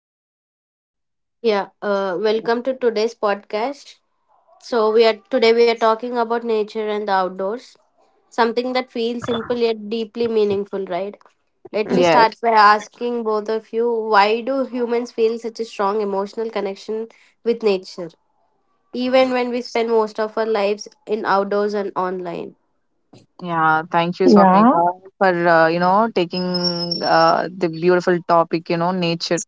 Swapnika? Yeah, Welcome to today's podcast. So we are today we are talking about nature and the outdoors, something that feels simple yet deeply meaningful, right? Let me Yes. start by asking both of you, why do humans feel such a strong emotional connection with nature, even when we spend most of our lives in outdoors and online? Yeah. Thank you, Yeah. Swapnika, for you know taking the beautiful topic. You know, nature.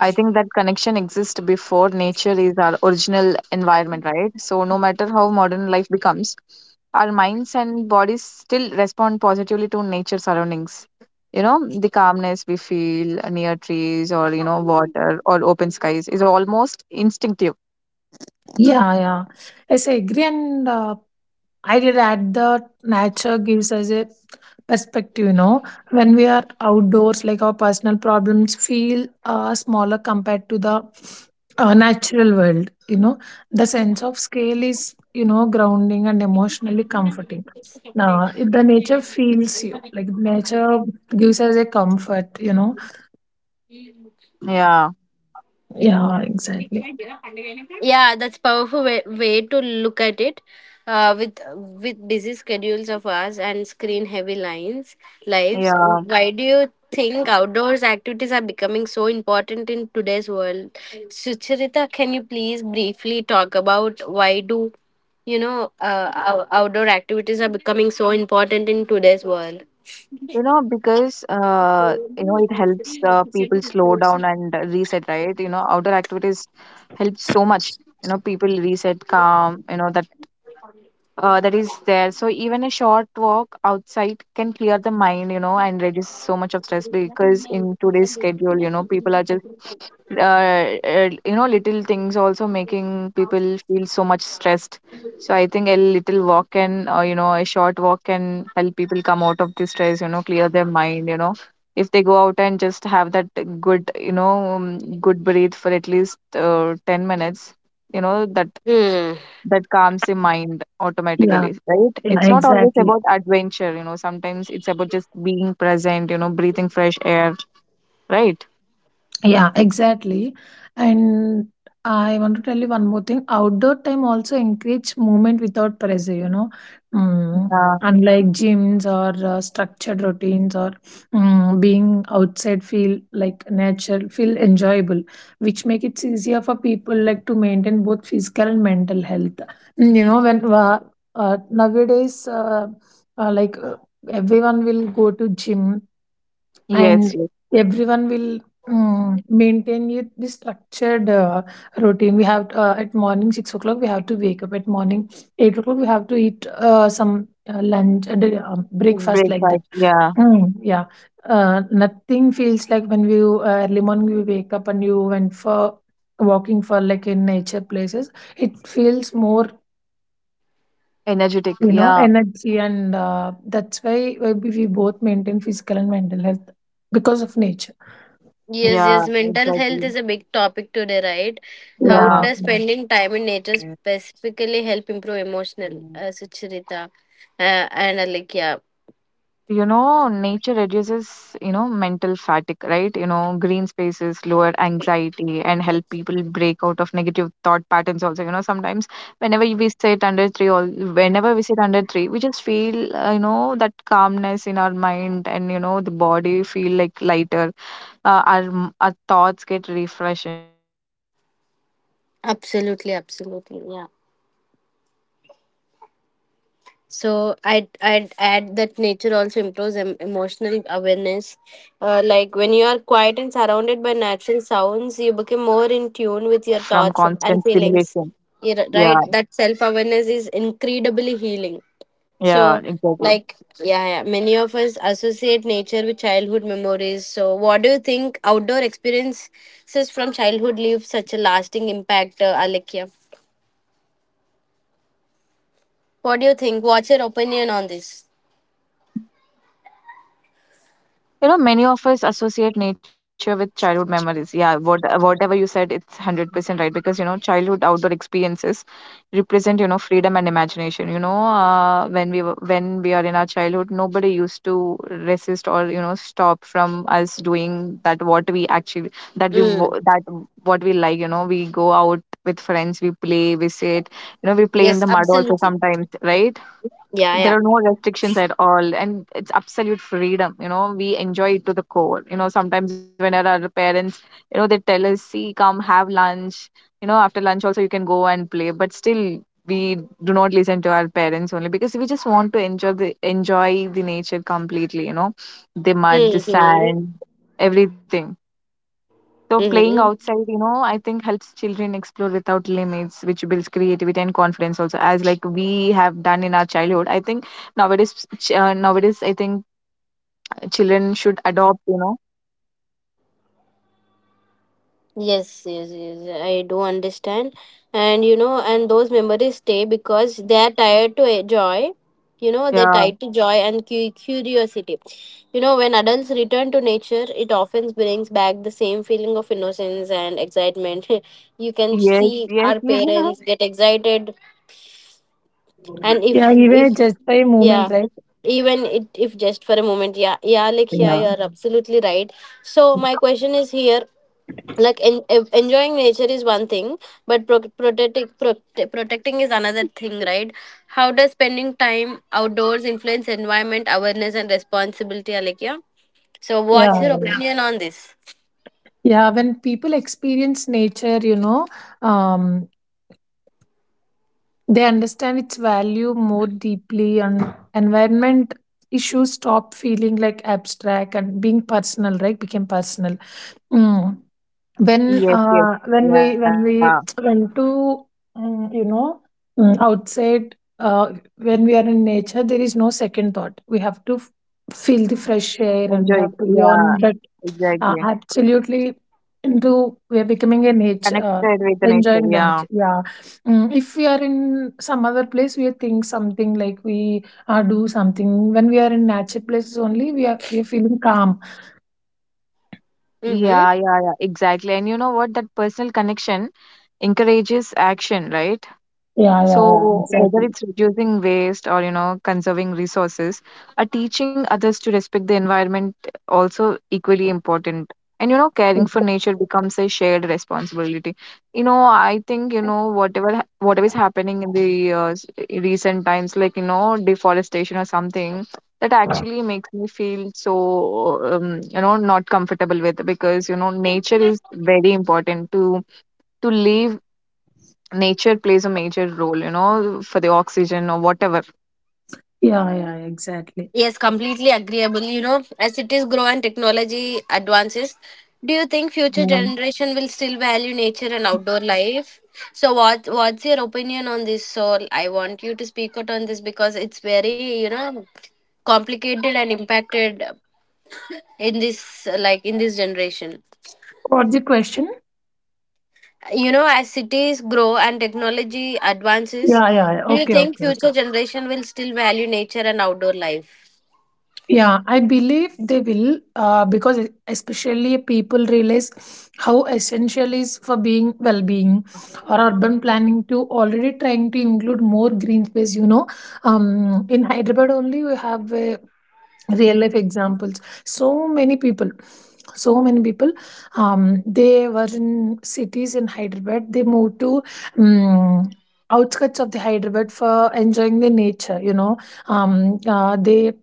I think that connection exists before nature is our original environment, right? So no matter how modern life becomes, our minds and bodies still respond positively to nature surroundings. You know, the calmness we feel near trees or you know water or open skies is almost instinctive. Yeah, yeah. Yes, I agree. And I did add that nature gives us a perspective, you know, when we are outdoors, like our personal problems feel smaller compared to the natural world, you know. The sense of scale is, you know, grounding and emotionally comforting. Now, if the nature feels you, like nature gives us a comfort, you know. Yeah. Yeah, exactly. Yeah, that's powerful way to look at it. With busy schedules of ours and screen heavy lines lives, Yeah. why do you think outdoors activities are becoming so important in today's world? Sucharita, can you please briefly talk about why do you know uh, outdoor activities are becoming so important in today's world? You know, because you know it helps people slow down and reset, right? You know, outdoor activities help so much. You know, people reset, calm. You know that that is there. So even a short walk outside can clear the mind. You know, and reduce so much of stress because in today's schedule, you know, people are just you know, little things also making people feel so much stressed. So I think a little walk can, you know, a short walk can help people come out of the stress, you know, clear their mind, you know. If they go out and just have that good, you know, good breathe for at least 10 minutes, you know, that hmm that calms the mind Yeah. automatically, right? Yeah. It's not always Exactly. about adventure, you know, sometimes it's about just being present, you know, breathing fresh air, right? Yeah, exactly. And I want to tell you one more thing. Outdoor time also encourage movement without pressure, you know. Mm, Uh, Unlike gyms or structured routines or being outside feel like natural, feel enjoyable, which make it easier for people like to maintain both physical and mental health. Mm. You know, when nowadays, like Everyone will go to gym yes, and yes. everyone will maintain it, this structured routine we have at morning 6 o'clock we have to wake up at morning 8 o'clock we have to eat breakfast like that. Breakfast, yeah. Yeah, nothing feels like when you early morning you wake up and you went for walking for like in nature places, it feels more, Energetic, you know, yeah. energy. And That's why we both maintain physical and mental health because of nature. Yes, Yeah, yes, mental health exactly. is a big topic today, right? How Yeah. Yeah. does spending time in nature specifically help improve emotional, Sucharita uh, and uh, like, yeah, You know, nature reduces, you know, mental fatigue, right? You know, green spaces lower anxiety and help people break out of negative thought patterns also. You know, sometimes whenever we sit under tree, we just feel, you know, that calmness in our mind and, you know, the body feel like lighter. Our thoughts get refreshed, right? So, everything Absolutely, absolutely, yeah. changes when we sit under tree, you know, because of that green space, So I'd right? I'd add that So it nature also also lowers improves our emotional anxiety, help awareness. break out of our Like when negative you are thought pattern. quiet and So surrounded by being natural outdoors sounds, you allows the become brain more to in tune reset with your from thoughts and constant feelings. stimulation. You're Yeah, right. That self awareness is incredibly healing. yeah, So exactly. like yeah, Many of us associate nature with childhood memories. So what do you think outdoor experiences from childhood leave such a lasting impact, Alekia? What do you think? What's your opinion on this? You know, many of us associate nature with childhood memories. Yeah, what, whatever you said, it's 100% right because, you know, childhood outdoor experiences represent, you know, freedom and imagination. You know, when we are in our childhood, nobody used to resist or, you know, stop from us doing that what we actually that we wo- Hmm. that what we like, you know, we go out with friends, we play, we sit, you know, we play in Yes, the mud also absolutely. sometimes, right? Yeah, There yeah. are no restrictions at all, and it's absolute freedom. You know, we enjoy it to the core. You know, sometimes when our parents, you know, they tell us, see, come have lunch, you know, after lunch also you can go and play, but still we do not listen to our parents only because we just want to enjoy the nature completely, you know, the mud, the Mm-hmm. sand, everything. So playing Mm-hmm. outside, you know, I think helps children explore without limits, which builds creativity and confidence also, as like we have done in our childhood. I think nowadays, nowadays, I think children should adopt, you know. Yes, yes, yes. I do understand. And those memories stay because they are tied to a joy. You know, they're Yeah. tied to joy and curiosity. You know, when adults return to nature, it often brings back the same feeling of innocence and excitement. You can Yes. see Yes. our parents get excited and Yeah, if even just by movement, Yeah, right? even if just for a moment. Yeah, Yeah. you're absolutely right. So my question is here, like enjoying nature is one thing, but protecting is another thing, right? How does spending time outdoors influence environment awareness and responsibility, Alekia? So Yeah. what's your Yeah. opinion on this? Yeah, when people experience nature, you know, um, they understand its value more deeply, and environment issues stop feeling like abstract and being personal, right? Became personal. Mm. When Yeah. Yes. uh, Yes. when we Yeah. when we went to um, you know outside. When we are in nature, there is no second thought. We have to feel the fresh air and Enjoy we it. have to be on Yeah. the. Exactly. Absolutely into we are becoming an nature Connected with the nature. enjoying the Yeah. nature. Yeah. Mm, if we are in some other place we think something like we do something. When we are in nature places only, we are feeling calm. Mm-hmm. Yeah. Yeah. Yeah. Exactly. And you know what? That personal connection encourages action, right? Yeah, yeah, yeah, So exactly. whether it's reducing waste or, you know, conserving resources, or teaching others to respect the environment also equally important. And, you know, caring for nature becomes a shared responsibility. You know, I think, you know, whatever is happening in the recent times, like, you know, deforestation or something, that actually makes me feel so, you know, not comfortable with because, you know, nature is very important to live. Nature plays a major role, you know, for the oxygen or whatever. Yeah, yeah, exactly. Yes, completely agreeable. You know, as cities grow and technology advances, do you think future Mm. generation will still value nature and outdoor life? So what what's your opinion on this? So I want you to speak out on this because it's very, you know, complicated and impacted in this, like in this generation. What's the question? You know, as cities grow and technology advances, Yeah. do you Okay, think okay, future okay. generation will still value nature and outdoor life? Yeah, I believe they will, because especially people realize how essential is for being well-being, or urban planning to already trying to include more green space. You know, in Hyderabad only we have real-life examples. So many people, they were in cities in Hyderabad. They moved to. Um, Outskirts of the Hyderabad for enjoying the nature, you know. They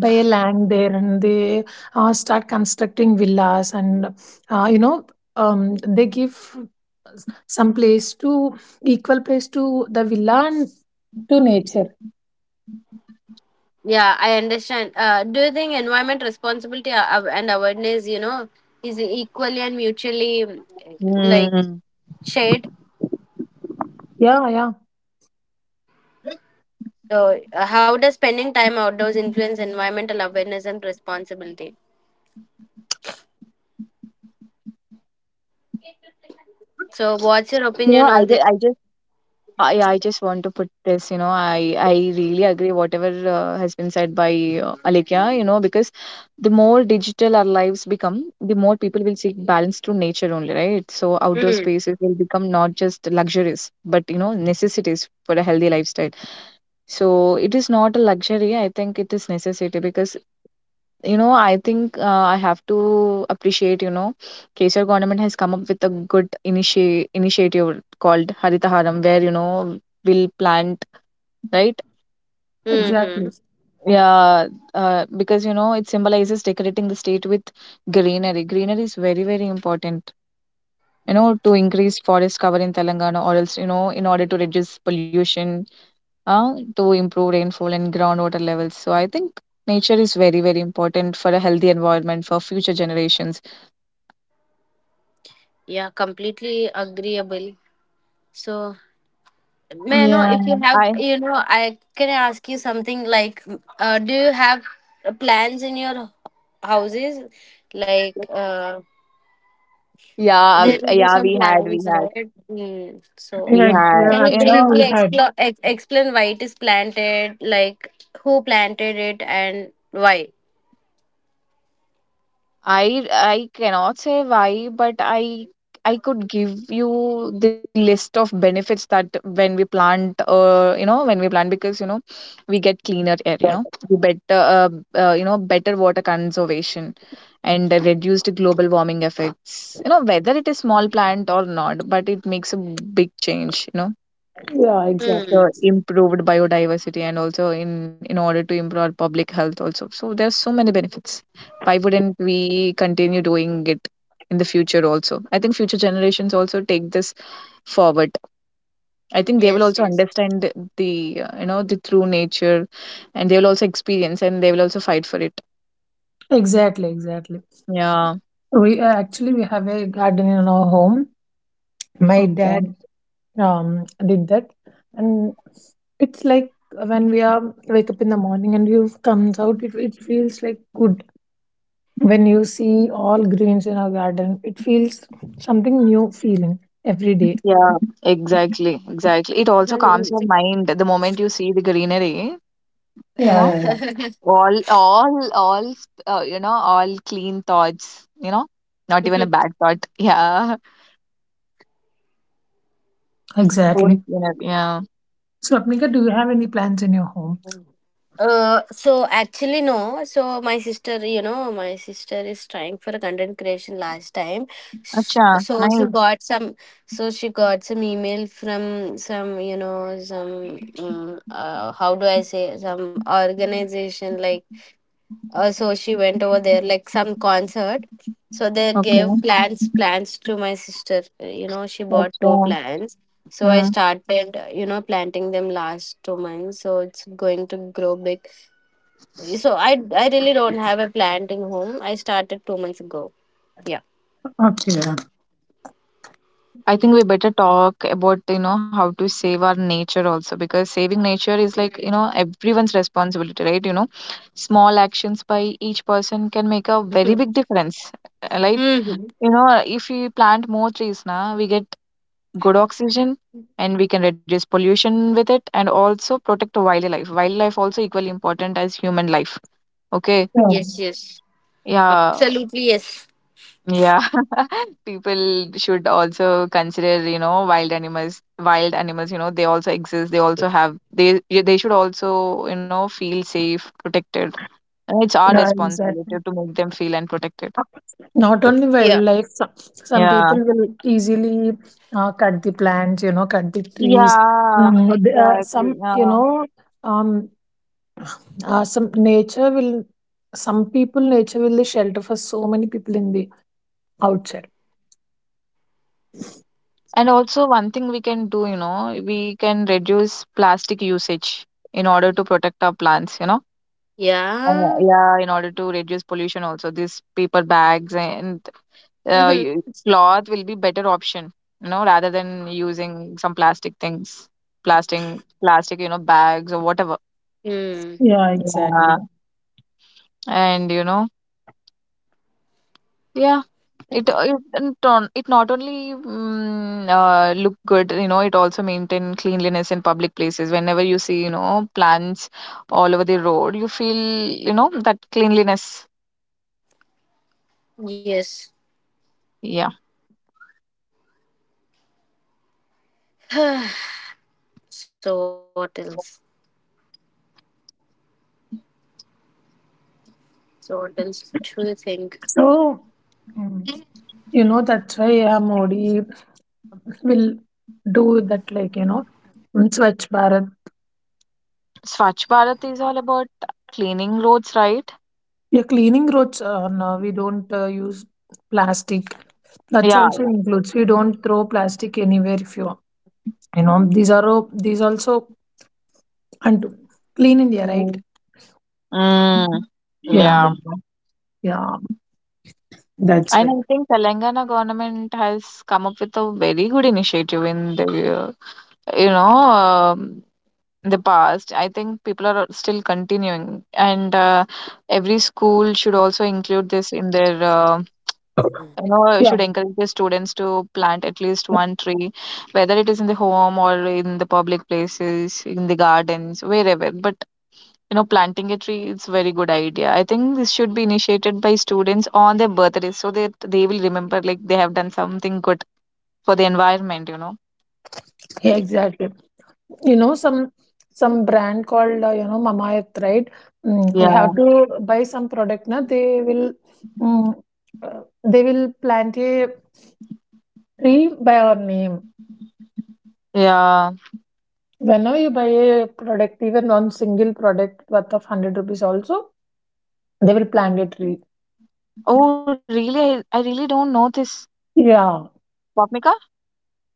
buy a land there and they start constructing villas. And you know They give some place to, equal place to the villa and to nature. Yeah, I understand. Do you think environment responsibility and awareness, you know, is equally and mutually like Mm. shared? Yeah, yeah. So, how does spending time outdoors influence environmental awareness and responsibility? So, what's your You know, opinion I on just, this? I just, I, I just want to put this. You know, I really agree whatever has been said by Alekhya. You know, because the more digital our lives become, the more people will seek balance through nature only, right? So outdoor Mm. spaces will become not just luxuries, but you know, necessities for a healthy lifestyle. So it is not a luxury. I think it is necessity because you know I think I have to appreciate, you know, Kesar government has come up with a initiative called Haritaharam, where you know will plant, right? Mm-hmm. Exactly. Yeah. Because you know it symbolizes decorating the state with greenery. Greenery is very very important, you know, to increase forest cover in Telangana, or else, you know, in order to reduce pollution, uh, to improve rainfall and groundwater levels. So I think nature is very very important for a healthy environment for future generations. Yeah, completely agreeable. So, may I know Yeah, if you have, I you know, I can I ask you something like, do you have plans in your houses? Like, yeah there will be yeah some we had we plans, had right? Hmm. So, we Yeah, had, can yeah, you you actually, know, briefly we had. Explain why it is planted, like who planted it and why? I cannot say why, but I could give you the list of benefits that when we plant, you know, when we plant, because you know we get cleaner air, you know we better uh, you know better water conservation and reduced global warming effects, you know, whether it is small plant or not, but it makes a big change, you know, Yeah, exactly. Hmm. improved biodiversity, and also in order to improve our public health also. So there's so many benefits, why wouldn't we continue doing it in the future also? I think future generations also take this forward. I think they will Yes, also yes. understand you know, the true nature, and they will also experience and they will also fight for it. Exactly, exactly. Yeah. We uh, actually we have a garden in our home. My Okay. dad did that. And it's like when we are wake up in the morning and view comes out, it feels like good. When you see all greens in our garden, it feels something new feeling every day. Yeah, exactly, exactly. It also calms your mind the moment you see the greenery, you Yeah, know. yeah, You know, all clean thoughts, you know, not even a bad thought. Yeah. yeah. Own Exactly. cleaner, yeah. So, Apnika, do you have any plants in your home? So actually no. So my sister, you know, my sister is trying for a content creation last time. Acha, So she nice. got some. So she got some email from some, you know, some. How do I say, some organization like, so she went over there like some concert. So they Okay. gave plants to my sister. You know, she bought Acha. two plants. So I Hmm. started, planting them last two months. So it's going to grow big. So I really don't have a planting home. I started two months ago. Yeah. Okay, here. I think we better talk about, you know, how to save our nature also, because saving nature is like, you know, everyone's responsibility, right? You know, small actions by each person can make a very big difference. Like, hmm you know, if we plant more trees now, we get good oxygen, and we can reduce pollution with it, and also protect wildlife. Wildlife also equally important as human life. Okay. Yes, Yeah, yes. Yeah, Absolutely, yes. yeah. People should also consider, you know, wild animals. Wild animals, you know, they also exist, they also have, they should also, you know, feel safe, protected. And it's our yeah, responsibility exactly. to make them feel and protected. Not only Yeah. wildlife, some Yeah, people will easily cut the plants, you know, cut the trees. yeah, Mhm. The- some exactly. you Yeah. know um, some nature will, some people, nature will the shelter for so many people in the outside. And also, one thing we can do, you know, we can reduce plastic usage in order to protect our plants, you know. Yeah. Yeah, in order to reduce pollution, also these paper bags and Mhm. Cloth will be better option, you know, rather than using some plastic things, plastic, plastic, you know, bags or whatever. mm Yeah, exactly. Yeah. And you know, yeah. It not only look good, you know, it also maintain cleanliness in public places. Whenever you see, you know, plants all over the road, you feel, you know, that cleanliness. Yes. Yeah. So what else? So what else do you think? So, mm, you know, that's why, yeah, Modi will do that, like, you know, Swachh Bharat. Swachh Bharat is all about cleaning roads, right? You're cleaning roads. No, we don't use plastic. That Yeah, also yeah. includes we don't throw plastic anywhere. If you, you know, these are all these also, and clean India, right? Mm. Mm, Yeah, yeah. yeah, yeah, that's And why. I think Telangana government has come up with a very good initiative in the, you know, um the past. I think people are still continuing, and every school should also include this in their, you know, Yeah, should encourage the students to plant at least one tree, whether it is in the home or in the public places in the gardens, wherever. But you know, planting a tree, it's a very good idea. I think this should be initiated by students on their birthdays, so that they will remember like they have done something good for the environment, you know. exactly. You know, some brand called, you know, mama, right? We Yeah, have to buy some product na, they will mm, they will plant a tree by our name. yeah. Whenever you buy a product, even one single product worth of 100 rupees also, they will plant a tree. Oh really, I really don't know this, Yeah. Swapnika.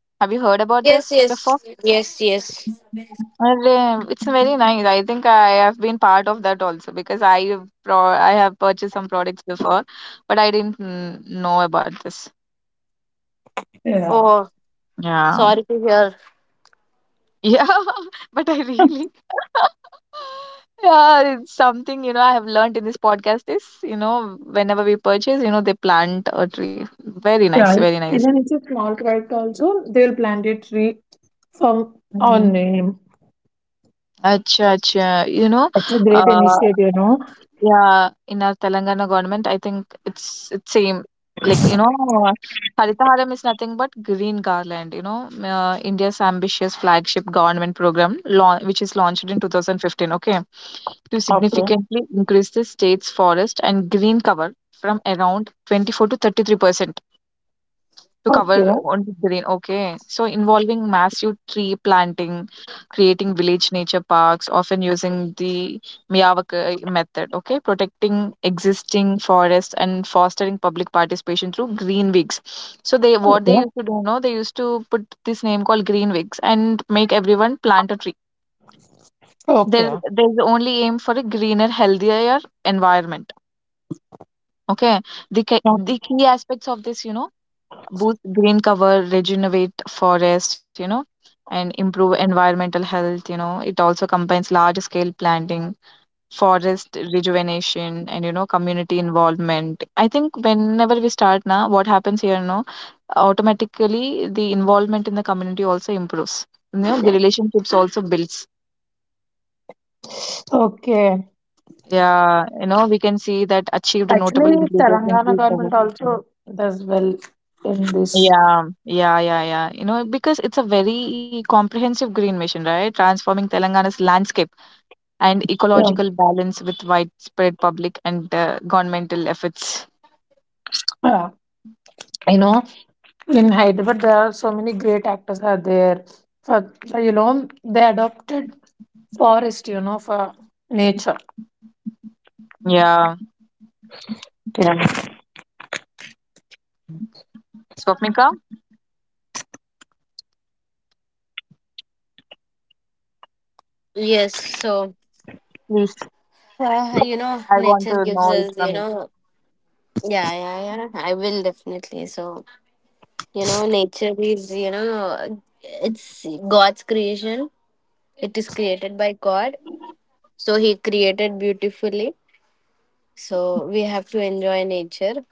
Have you heard about this Yes, before? yes, yes, yes. Arre, it's very nice. I think I have been part of that also because I have pro I have purchased some products before, but I didn't know about this. Yeah. Oh, Yeah. sorry to hear. Yeah, but I really yeah, it's something, you know, I have learned in this podcast is, you know, whenever we purchase, you know, they plant a tree. Very nice, Yeah, very nice. even it's a small product also, they will plant a tree from our name. Acha, acha. You know, It's a great uh, initiative, you know. yeah, in our Telangana government, I think it's same. Like, you know, Haritaharam is nothing but green garland, you know, India's ambitious flagship government program, laun which is launched in 2015, okay, to okay significantly increase the state's forest and green cover from around 24 to 33% to cover okay on green. Okay. So involving massive tree planting, creating village nature parks, often using the Miyawaki method. Okay. Protecting existing forests and fostering public participation through green weeks. So they what they used okay to do, no, they used to put this name called green weeks and make everyone plant a tree. There, okay there's only aim for a greener, healthier environment. Okay. The key aspects of this, boost green cover, regenerate forest, and improve environmental health. It also combines large scale planting, forest rejuvenation, and community involvement. I think whenever we start now, what happens here no, automatically the involvement in the community also improves. You know, the relationships also builds. Okay. Yeah, you know, we can see that achieved notable Actually, increases in Telangana tree cover. government also does well in this. Yeah, yeah, yeah, yeah. You know, because it's a very comprehensive green mission, right? Transforming Telangana's landscape and Yeah. ecological balance with widespread public and governmental efforts. Uh, you know, in Hyderabad, there are so many great actors are there. For, you know, they adopted forest, you know, for nature. Yeah. Yeah. Swapnika, Yes, so please, you know, I want nature to gives know it us, you from you. know, yeah, yeah, yeah. I will definitely. So you know, nature is, you know, it's God's creation. It is created by God, so He created beautifully. So we have to enjoy nature.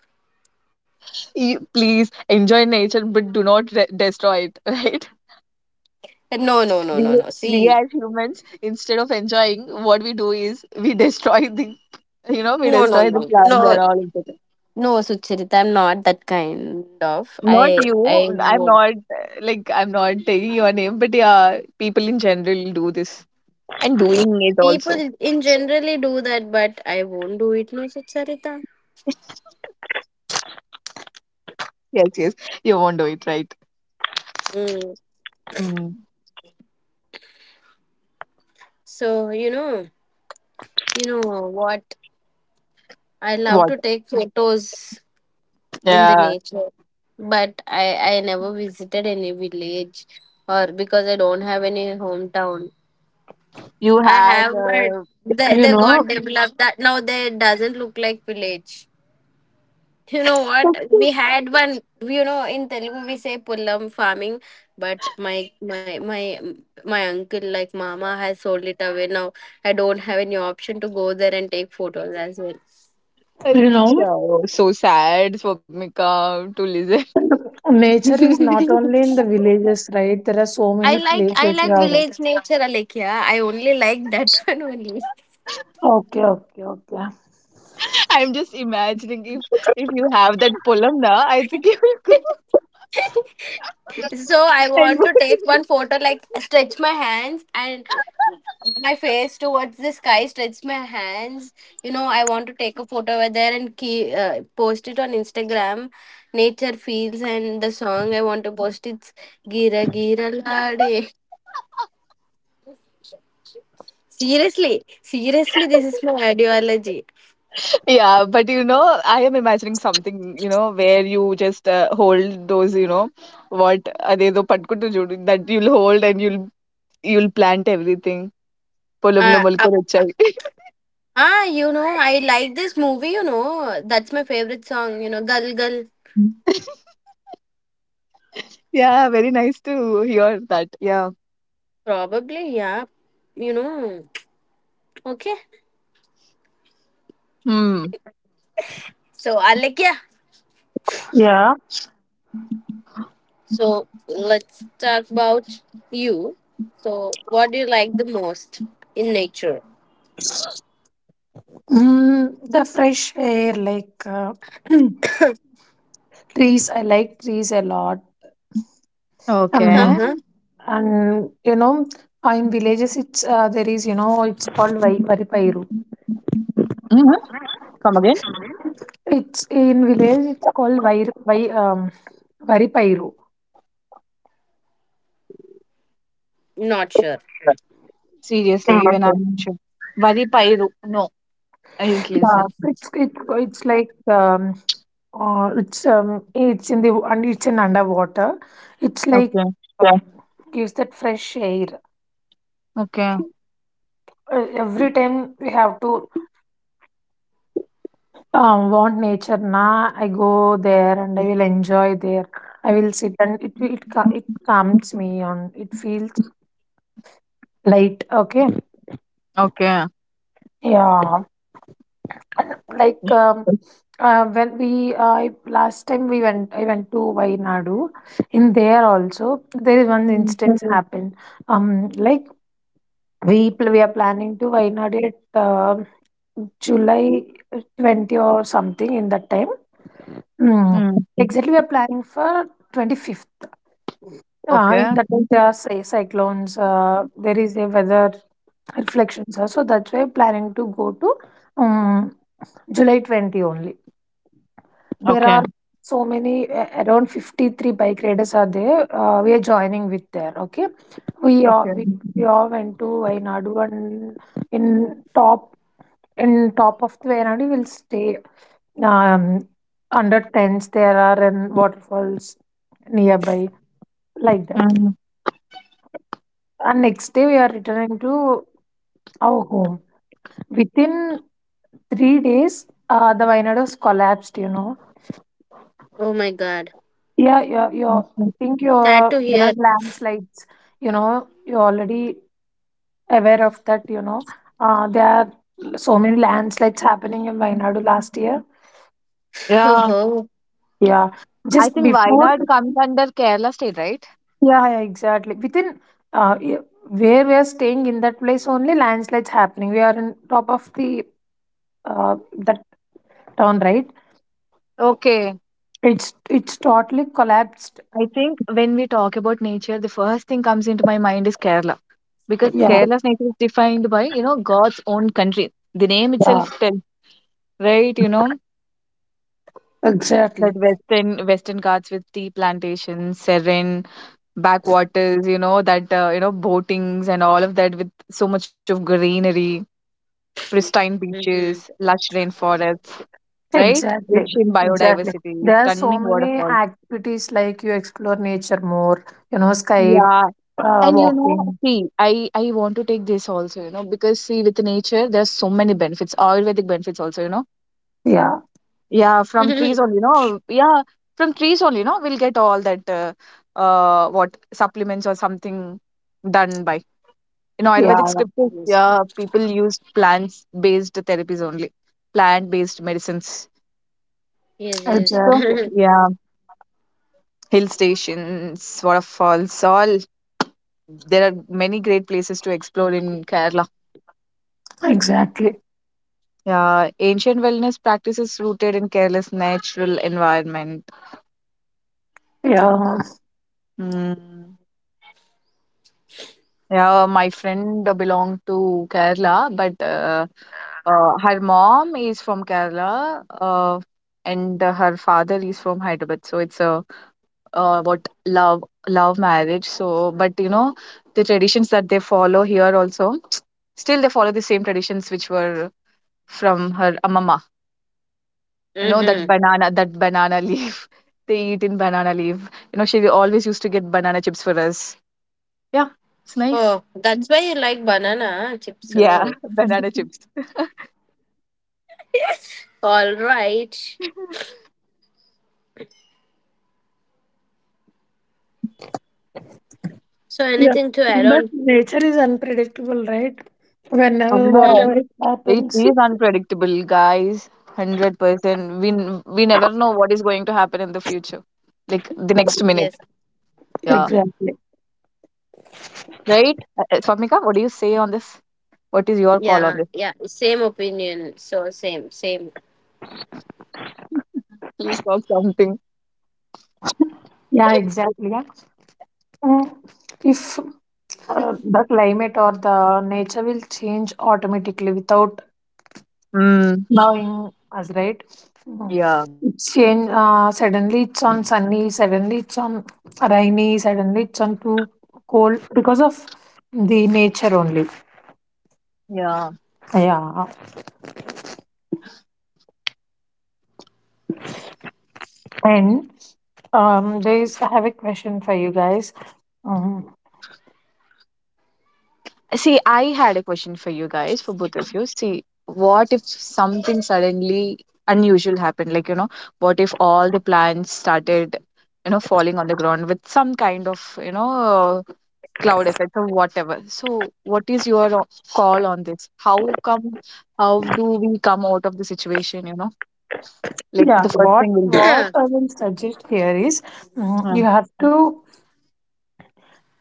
You, please enjoy nature, but do not destroy it, right? No, no, no, no, We, no. we See, as humans, instead of enjoying, what we do is we destroy we no, no, destroy the no, plants no. and all, etc. No, Sucharita, I'm not that kind of. Not I you. Won't. I'm not taking your name, but yeah, people in general do this and doing it also. People in generally do that, but I won't do it myself, Sarita. Yes, yes. You won't do it, right? Mm. Mm. So you know what? I love What? to take photos in the Yeah, nature, but I never visited any village, or because I don't have any hometown. you I had have, but You they know, got developed that now they doesn't look like village. You know what? We had one. You know, in Telugu we say pullam farming, but my my my my uncle like mama has sold it away now. I don't have any option to go there and take photos as well. a you know, show. So sad for me to listen. nature is not only in the villages, right? There are so I many like places. Yeah. village nature, Alekia. I only like that one Okay, okay, okay. I'm just imagining if you have that poem now, I think only. you will go So I and want work to in take it. one photo, like stretch my hands and my face towards the sky, stretch my hands. You know, I want to take a photo over there and key, post it on Instagram. Nature feels, and the song I want to post it's Gira Gira Lade. Seriously, seriously, this is my ideology. Yeah, but you know, I am imagining something, you know, where you just hold those, you know, what are they, the patkutu jodu that you'll hold and you'll plant everything. పొలంలో Uh, up, మొలకలొచ్చాయి. You know, I like this movie. You know, that's my favorite song. You know, Gal Gal. Yeah, very nice to hear that. Yeah. Probably, yeah. You know, okay. Hmm. So, Alekya, Yeah. so let's talk about you. So, what do you like the most in nature? The fresh air, like. Trees, I like trees a lot. Okay. Um, Huh? And you know, in villages, it's, there is, you know, it's called vai varipairu. Hmm. Come again. It's in village, it's called vai vai varipairu. Not sure. Seriously, even I'm not Mhm. sure. Vari Pairu. No, I didn't listen. Yeah, it's it, it's like, um, it's, it's in the, and it's in underwater. It's like Okay. Okay. there and I will enjoy there. I will sit and it it calms me on. It feels light. Okay, Okay. yeah. Like, when we I last time we went, I went to Vainadu. In there also, there is one Hmm. instance Mhm. happened. Like we are planning to Vainadu at July 20 or something in that time. Mm. Mm. Exactly, we are planning for 25th. In Okay. that way, there are say, cyclones, there is a weather reflections. So that's why planning to go to um, July 20 only. There Okay. are so many, around 53 bike riders are there. We are joining with there, okay? We Okay. all, we, we all went to Wayanadu and in top in top of the Wayanadu, we'll stay um, under tents. There are and waterfalls nearby like that. Mm. And next day we are returning to our home. Within 3 days, the Vayanados collapsed, you know. Oh my god. Yeah, your Okay. I think Sad your to there are hear. landslides, you know, you're already aware of that, you know. There are so many landslides happening in Wayanadu last year. Yeah, Oh, Yeah. I Just think before, Wayanad comes under Kerala state, right? yeah, yeah, exactly. Within uh, y- where we are staying in that place only landslides happening. We are in top of the that town, right? Okay. It's totally collapsed. I think when we talk about nature, the first thing comes into my mind is Kerala, because Yeah. Kerala's nature is defined by, you know, God's own country. The name Yeah, itself tells, right? You know, that exactly, Western Ghats with tea plantations, serene backwaters, you know, that, you know, boatings and all of that with so much of greenery, pristine beaches, mm-hmm. lush rainforests, right? exactly, Rich in exactly. biodiversity, There are so stunning many waterfalls. activities like you explore nature more, you know, sky Yeah. And you know, walking. see, I want to take this also, you know, because see, with nature, there's so many benefits, Ayurvedic benefits also, you know. Yeah, Yeah, from trees only, you know. Yeah, from trees only, you know, we'll get all that what supplements or something done by. In yeah, Ayurvedic yeah, scriptures, Yes, yeah, people use plants-based therapies only, plant-based medicines. yes. So exactly, Yes. yeah, hill stations, waterfalls, all there are many great places to explore in Kerala. exactly. Yeah, ancient wellness practices rooted in careless natural environment. Yeah, Mm. Yeah, my friend belonged to Kerala, but her mom is from Kerala, and her father is from Hyderabad. So it's a what love marriage. So, but you know, the traditions that they follow here also, still they follow the same traditions which were from her amma, you know, that Mm-hmm. banana leaf they eat in banana leaf, you know, she always used to get banana chips for us. Yeah, it's nice. Oh, that's why you like banana chips, Yeah, huh? banana chips. All right. So, yeah. anything to add But on? nature is unpredictable, right? Whenever, Amber, Hmm. whatever it it happens, is unpredictable, guys. 100%, we never know what is going to happen in the future, like the next minute. Yes. Yeah, exactly. right. Swamika, what do you say on this? What is your call on Yeah, this? yeah. Same opinion. So, same, same. Please talk something. Yeah, exactly. Yeah. Mm. If the climate or the nature will change automatically without Mm. now in us, right? Mhm. Yeah, It's change, suddenly it's on sunny, suddenly it's on rainy, suddenly it's on too cold because of the nature only. yeah. Yeah. And there is I have a question for you guys. Mhm. See, I had a question for you guys, for both of you. See, what if something suddenly unusual happened? Like, you know, what if all the plants started, you know, falling on the ground with some kind of, you know, cloud effect or whatever? So, what is your call on this? How come, how do we come out of the situation, you know? Like, Yeah, the first what thing we'll do. I will suggest here is, mm, Uh, you have to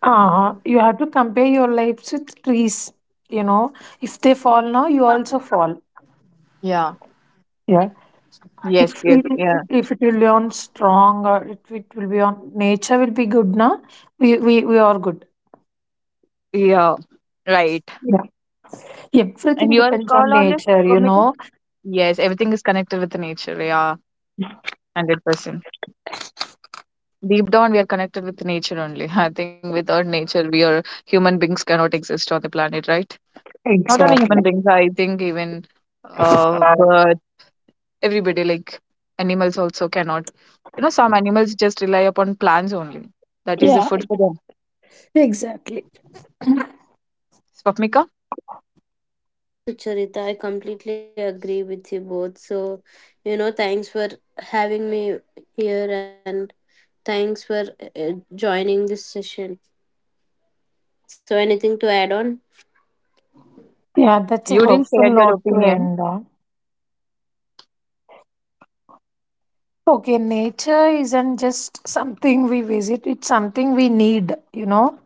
you have to compare your lives with trees, you know. If they fall now, you also fall. yeah. Yeah. Yes, If yes, yeah. if it will be on strong, or if it will be on nature will be good now, we are good. Yeah, right. Yeah, And everything your depends on call on this, nature, you Bhumika? know. Yes, everything is connected with the nature. Yeah. 100%. Deep down, we are connected with nature only. I think without nature, we are human beings cannot exist on the planet, right? Not only Exactly. human beings, I think even but everybody, like animals also cannot. You know, some animals just rely upon plants only. That is the Yeah, food for them. exactly. Swapnika, Yes, Sucharita, I completely agree with you both. So, you know, thanks for having me here and thanks for joining this session. So, anything to add on? Yeah, you that's a didn't share hopeful your note to opinion. end on. Okay, nature isn't just something we visit, it's something we need, you know.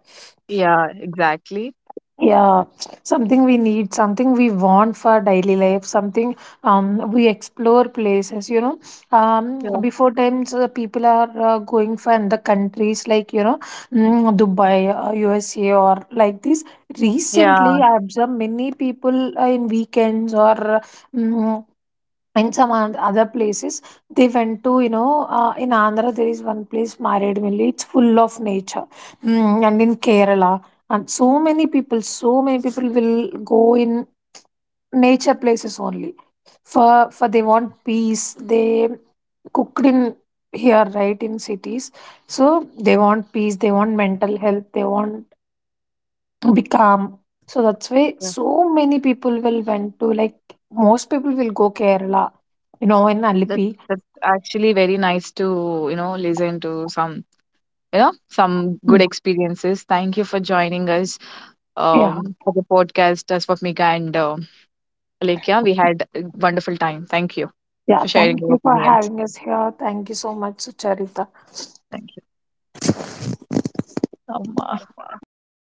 Yeah, exactly. Yeah, something we need, something we want for daily life, something, we explore places, you know. Yeah, Before times, people are going for the countries like, you know, Dubai, USA, or like this. yeah, Recently, I observed many people in weekends or mm in some other places, they went to, you know, in Andhra there is one place, Maredmilli, it's full of nature. And in Kerala. And So many people, so many people will go in nature places only. for for they want peace, they cooked in here, right, in cities. So they want peace, they want mental health, they want to be calm. So that's why yeah. so many people will went to, like, most people will go Kerala, you know, in That Alipi. that's actually very nice to, you know, listen to some, you know, some good Mm. experiences. Thank you for joining us, Yeah, of the podcast as for Mika and Alekia. We had a wonderful time. Thank you yeah. for sharing Thank your you for opinions. having us here. Thank you so much, Sucharita. Thank you. Um, uh, అయిపోయిందా?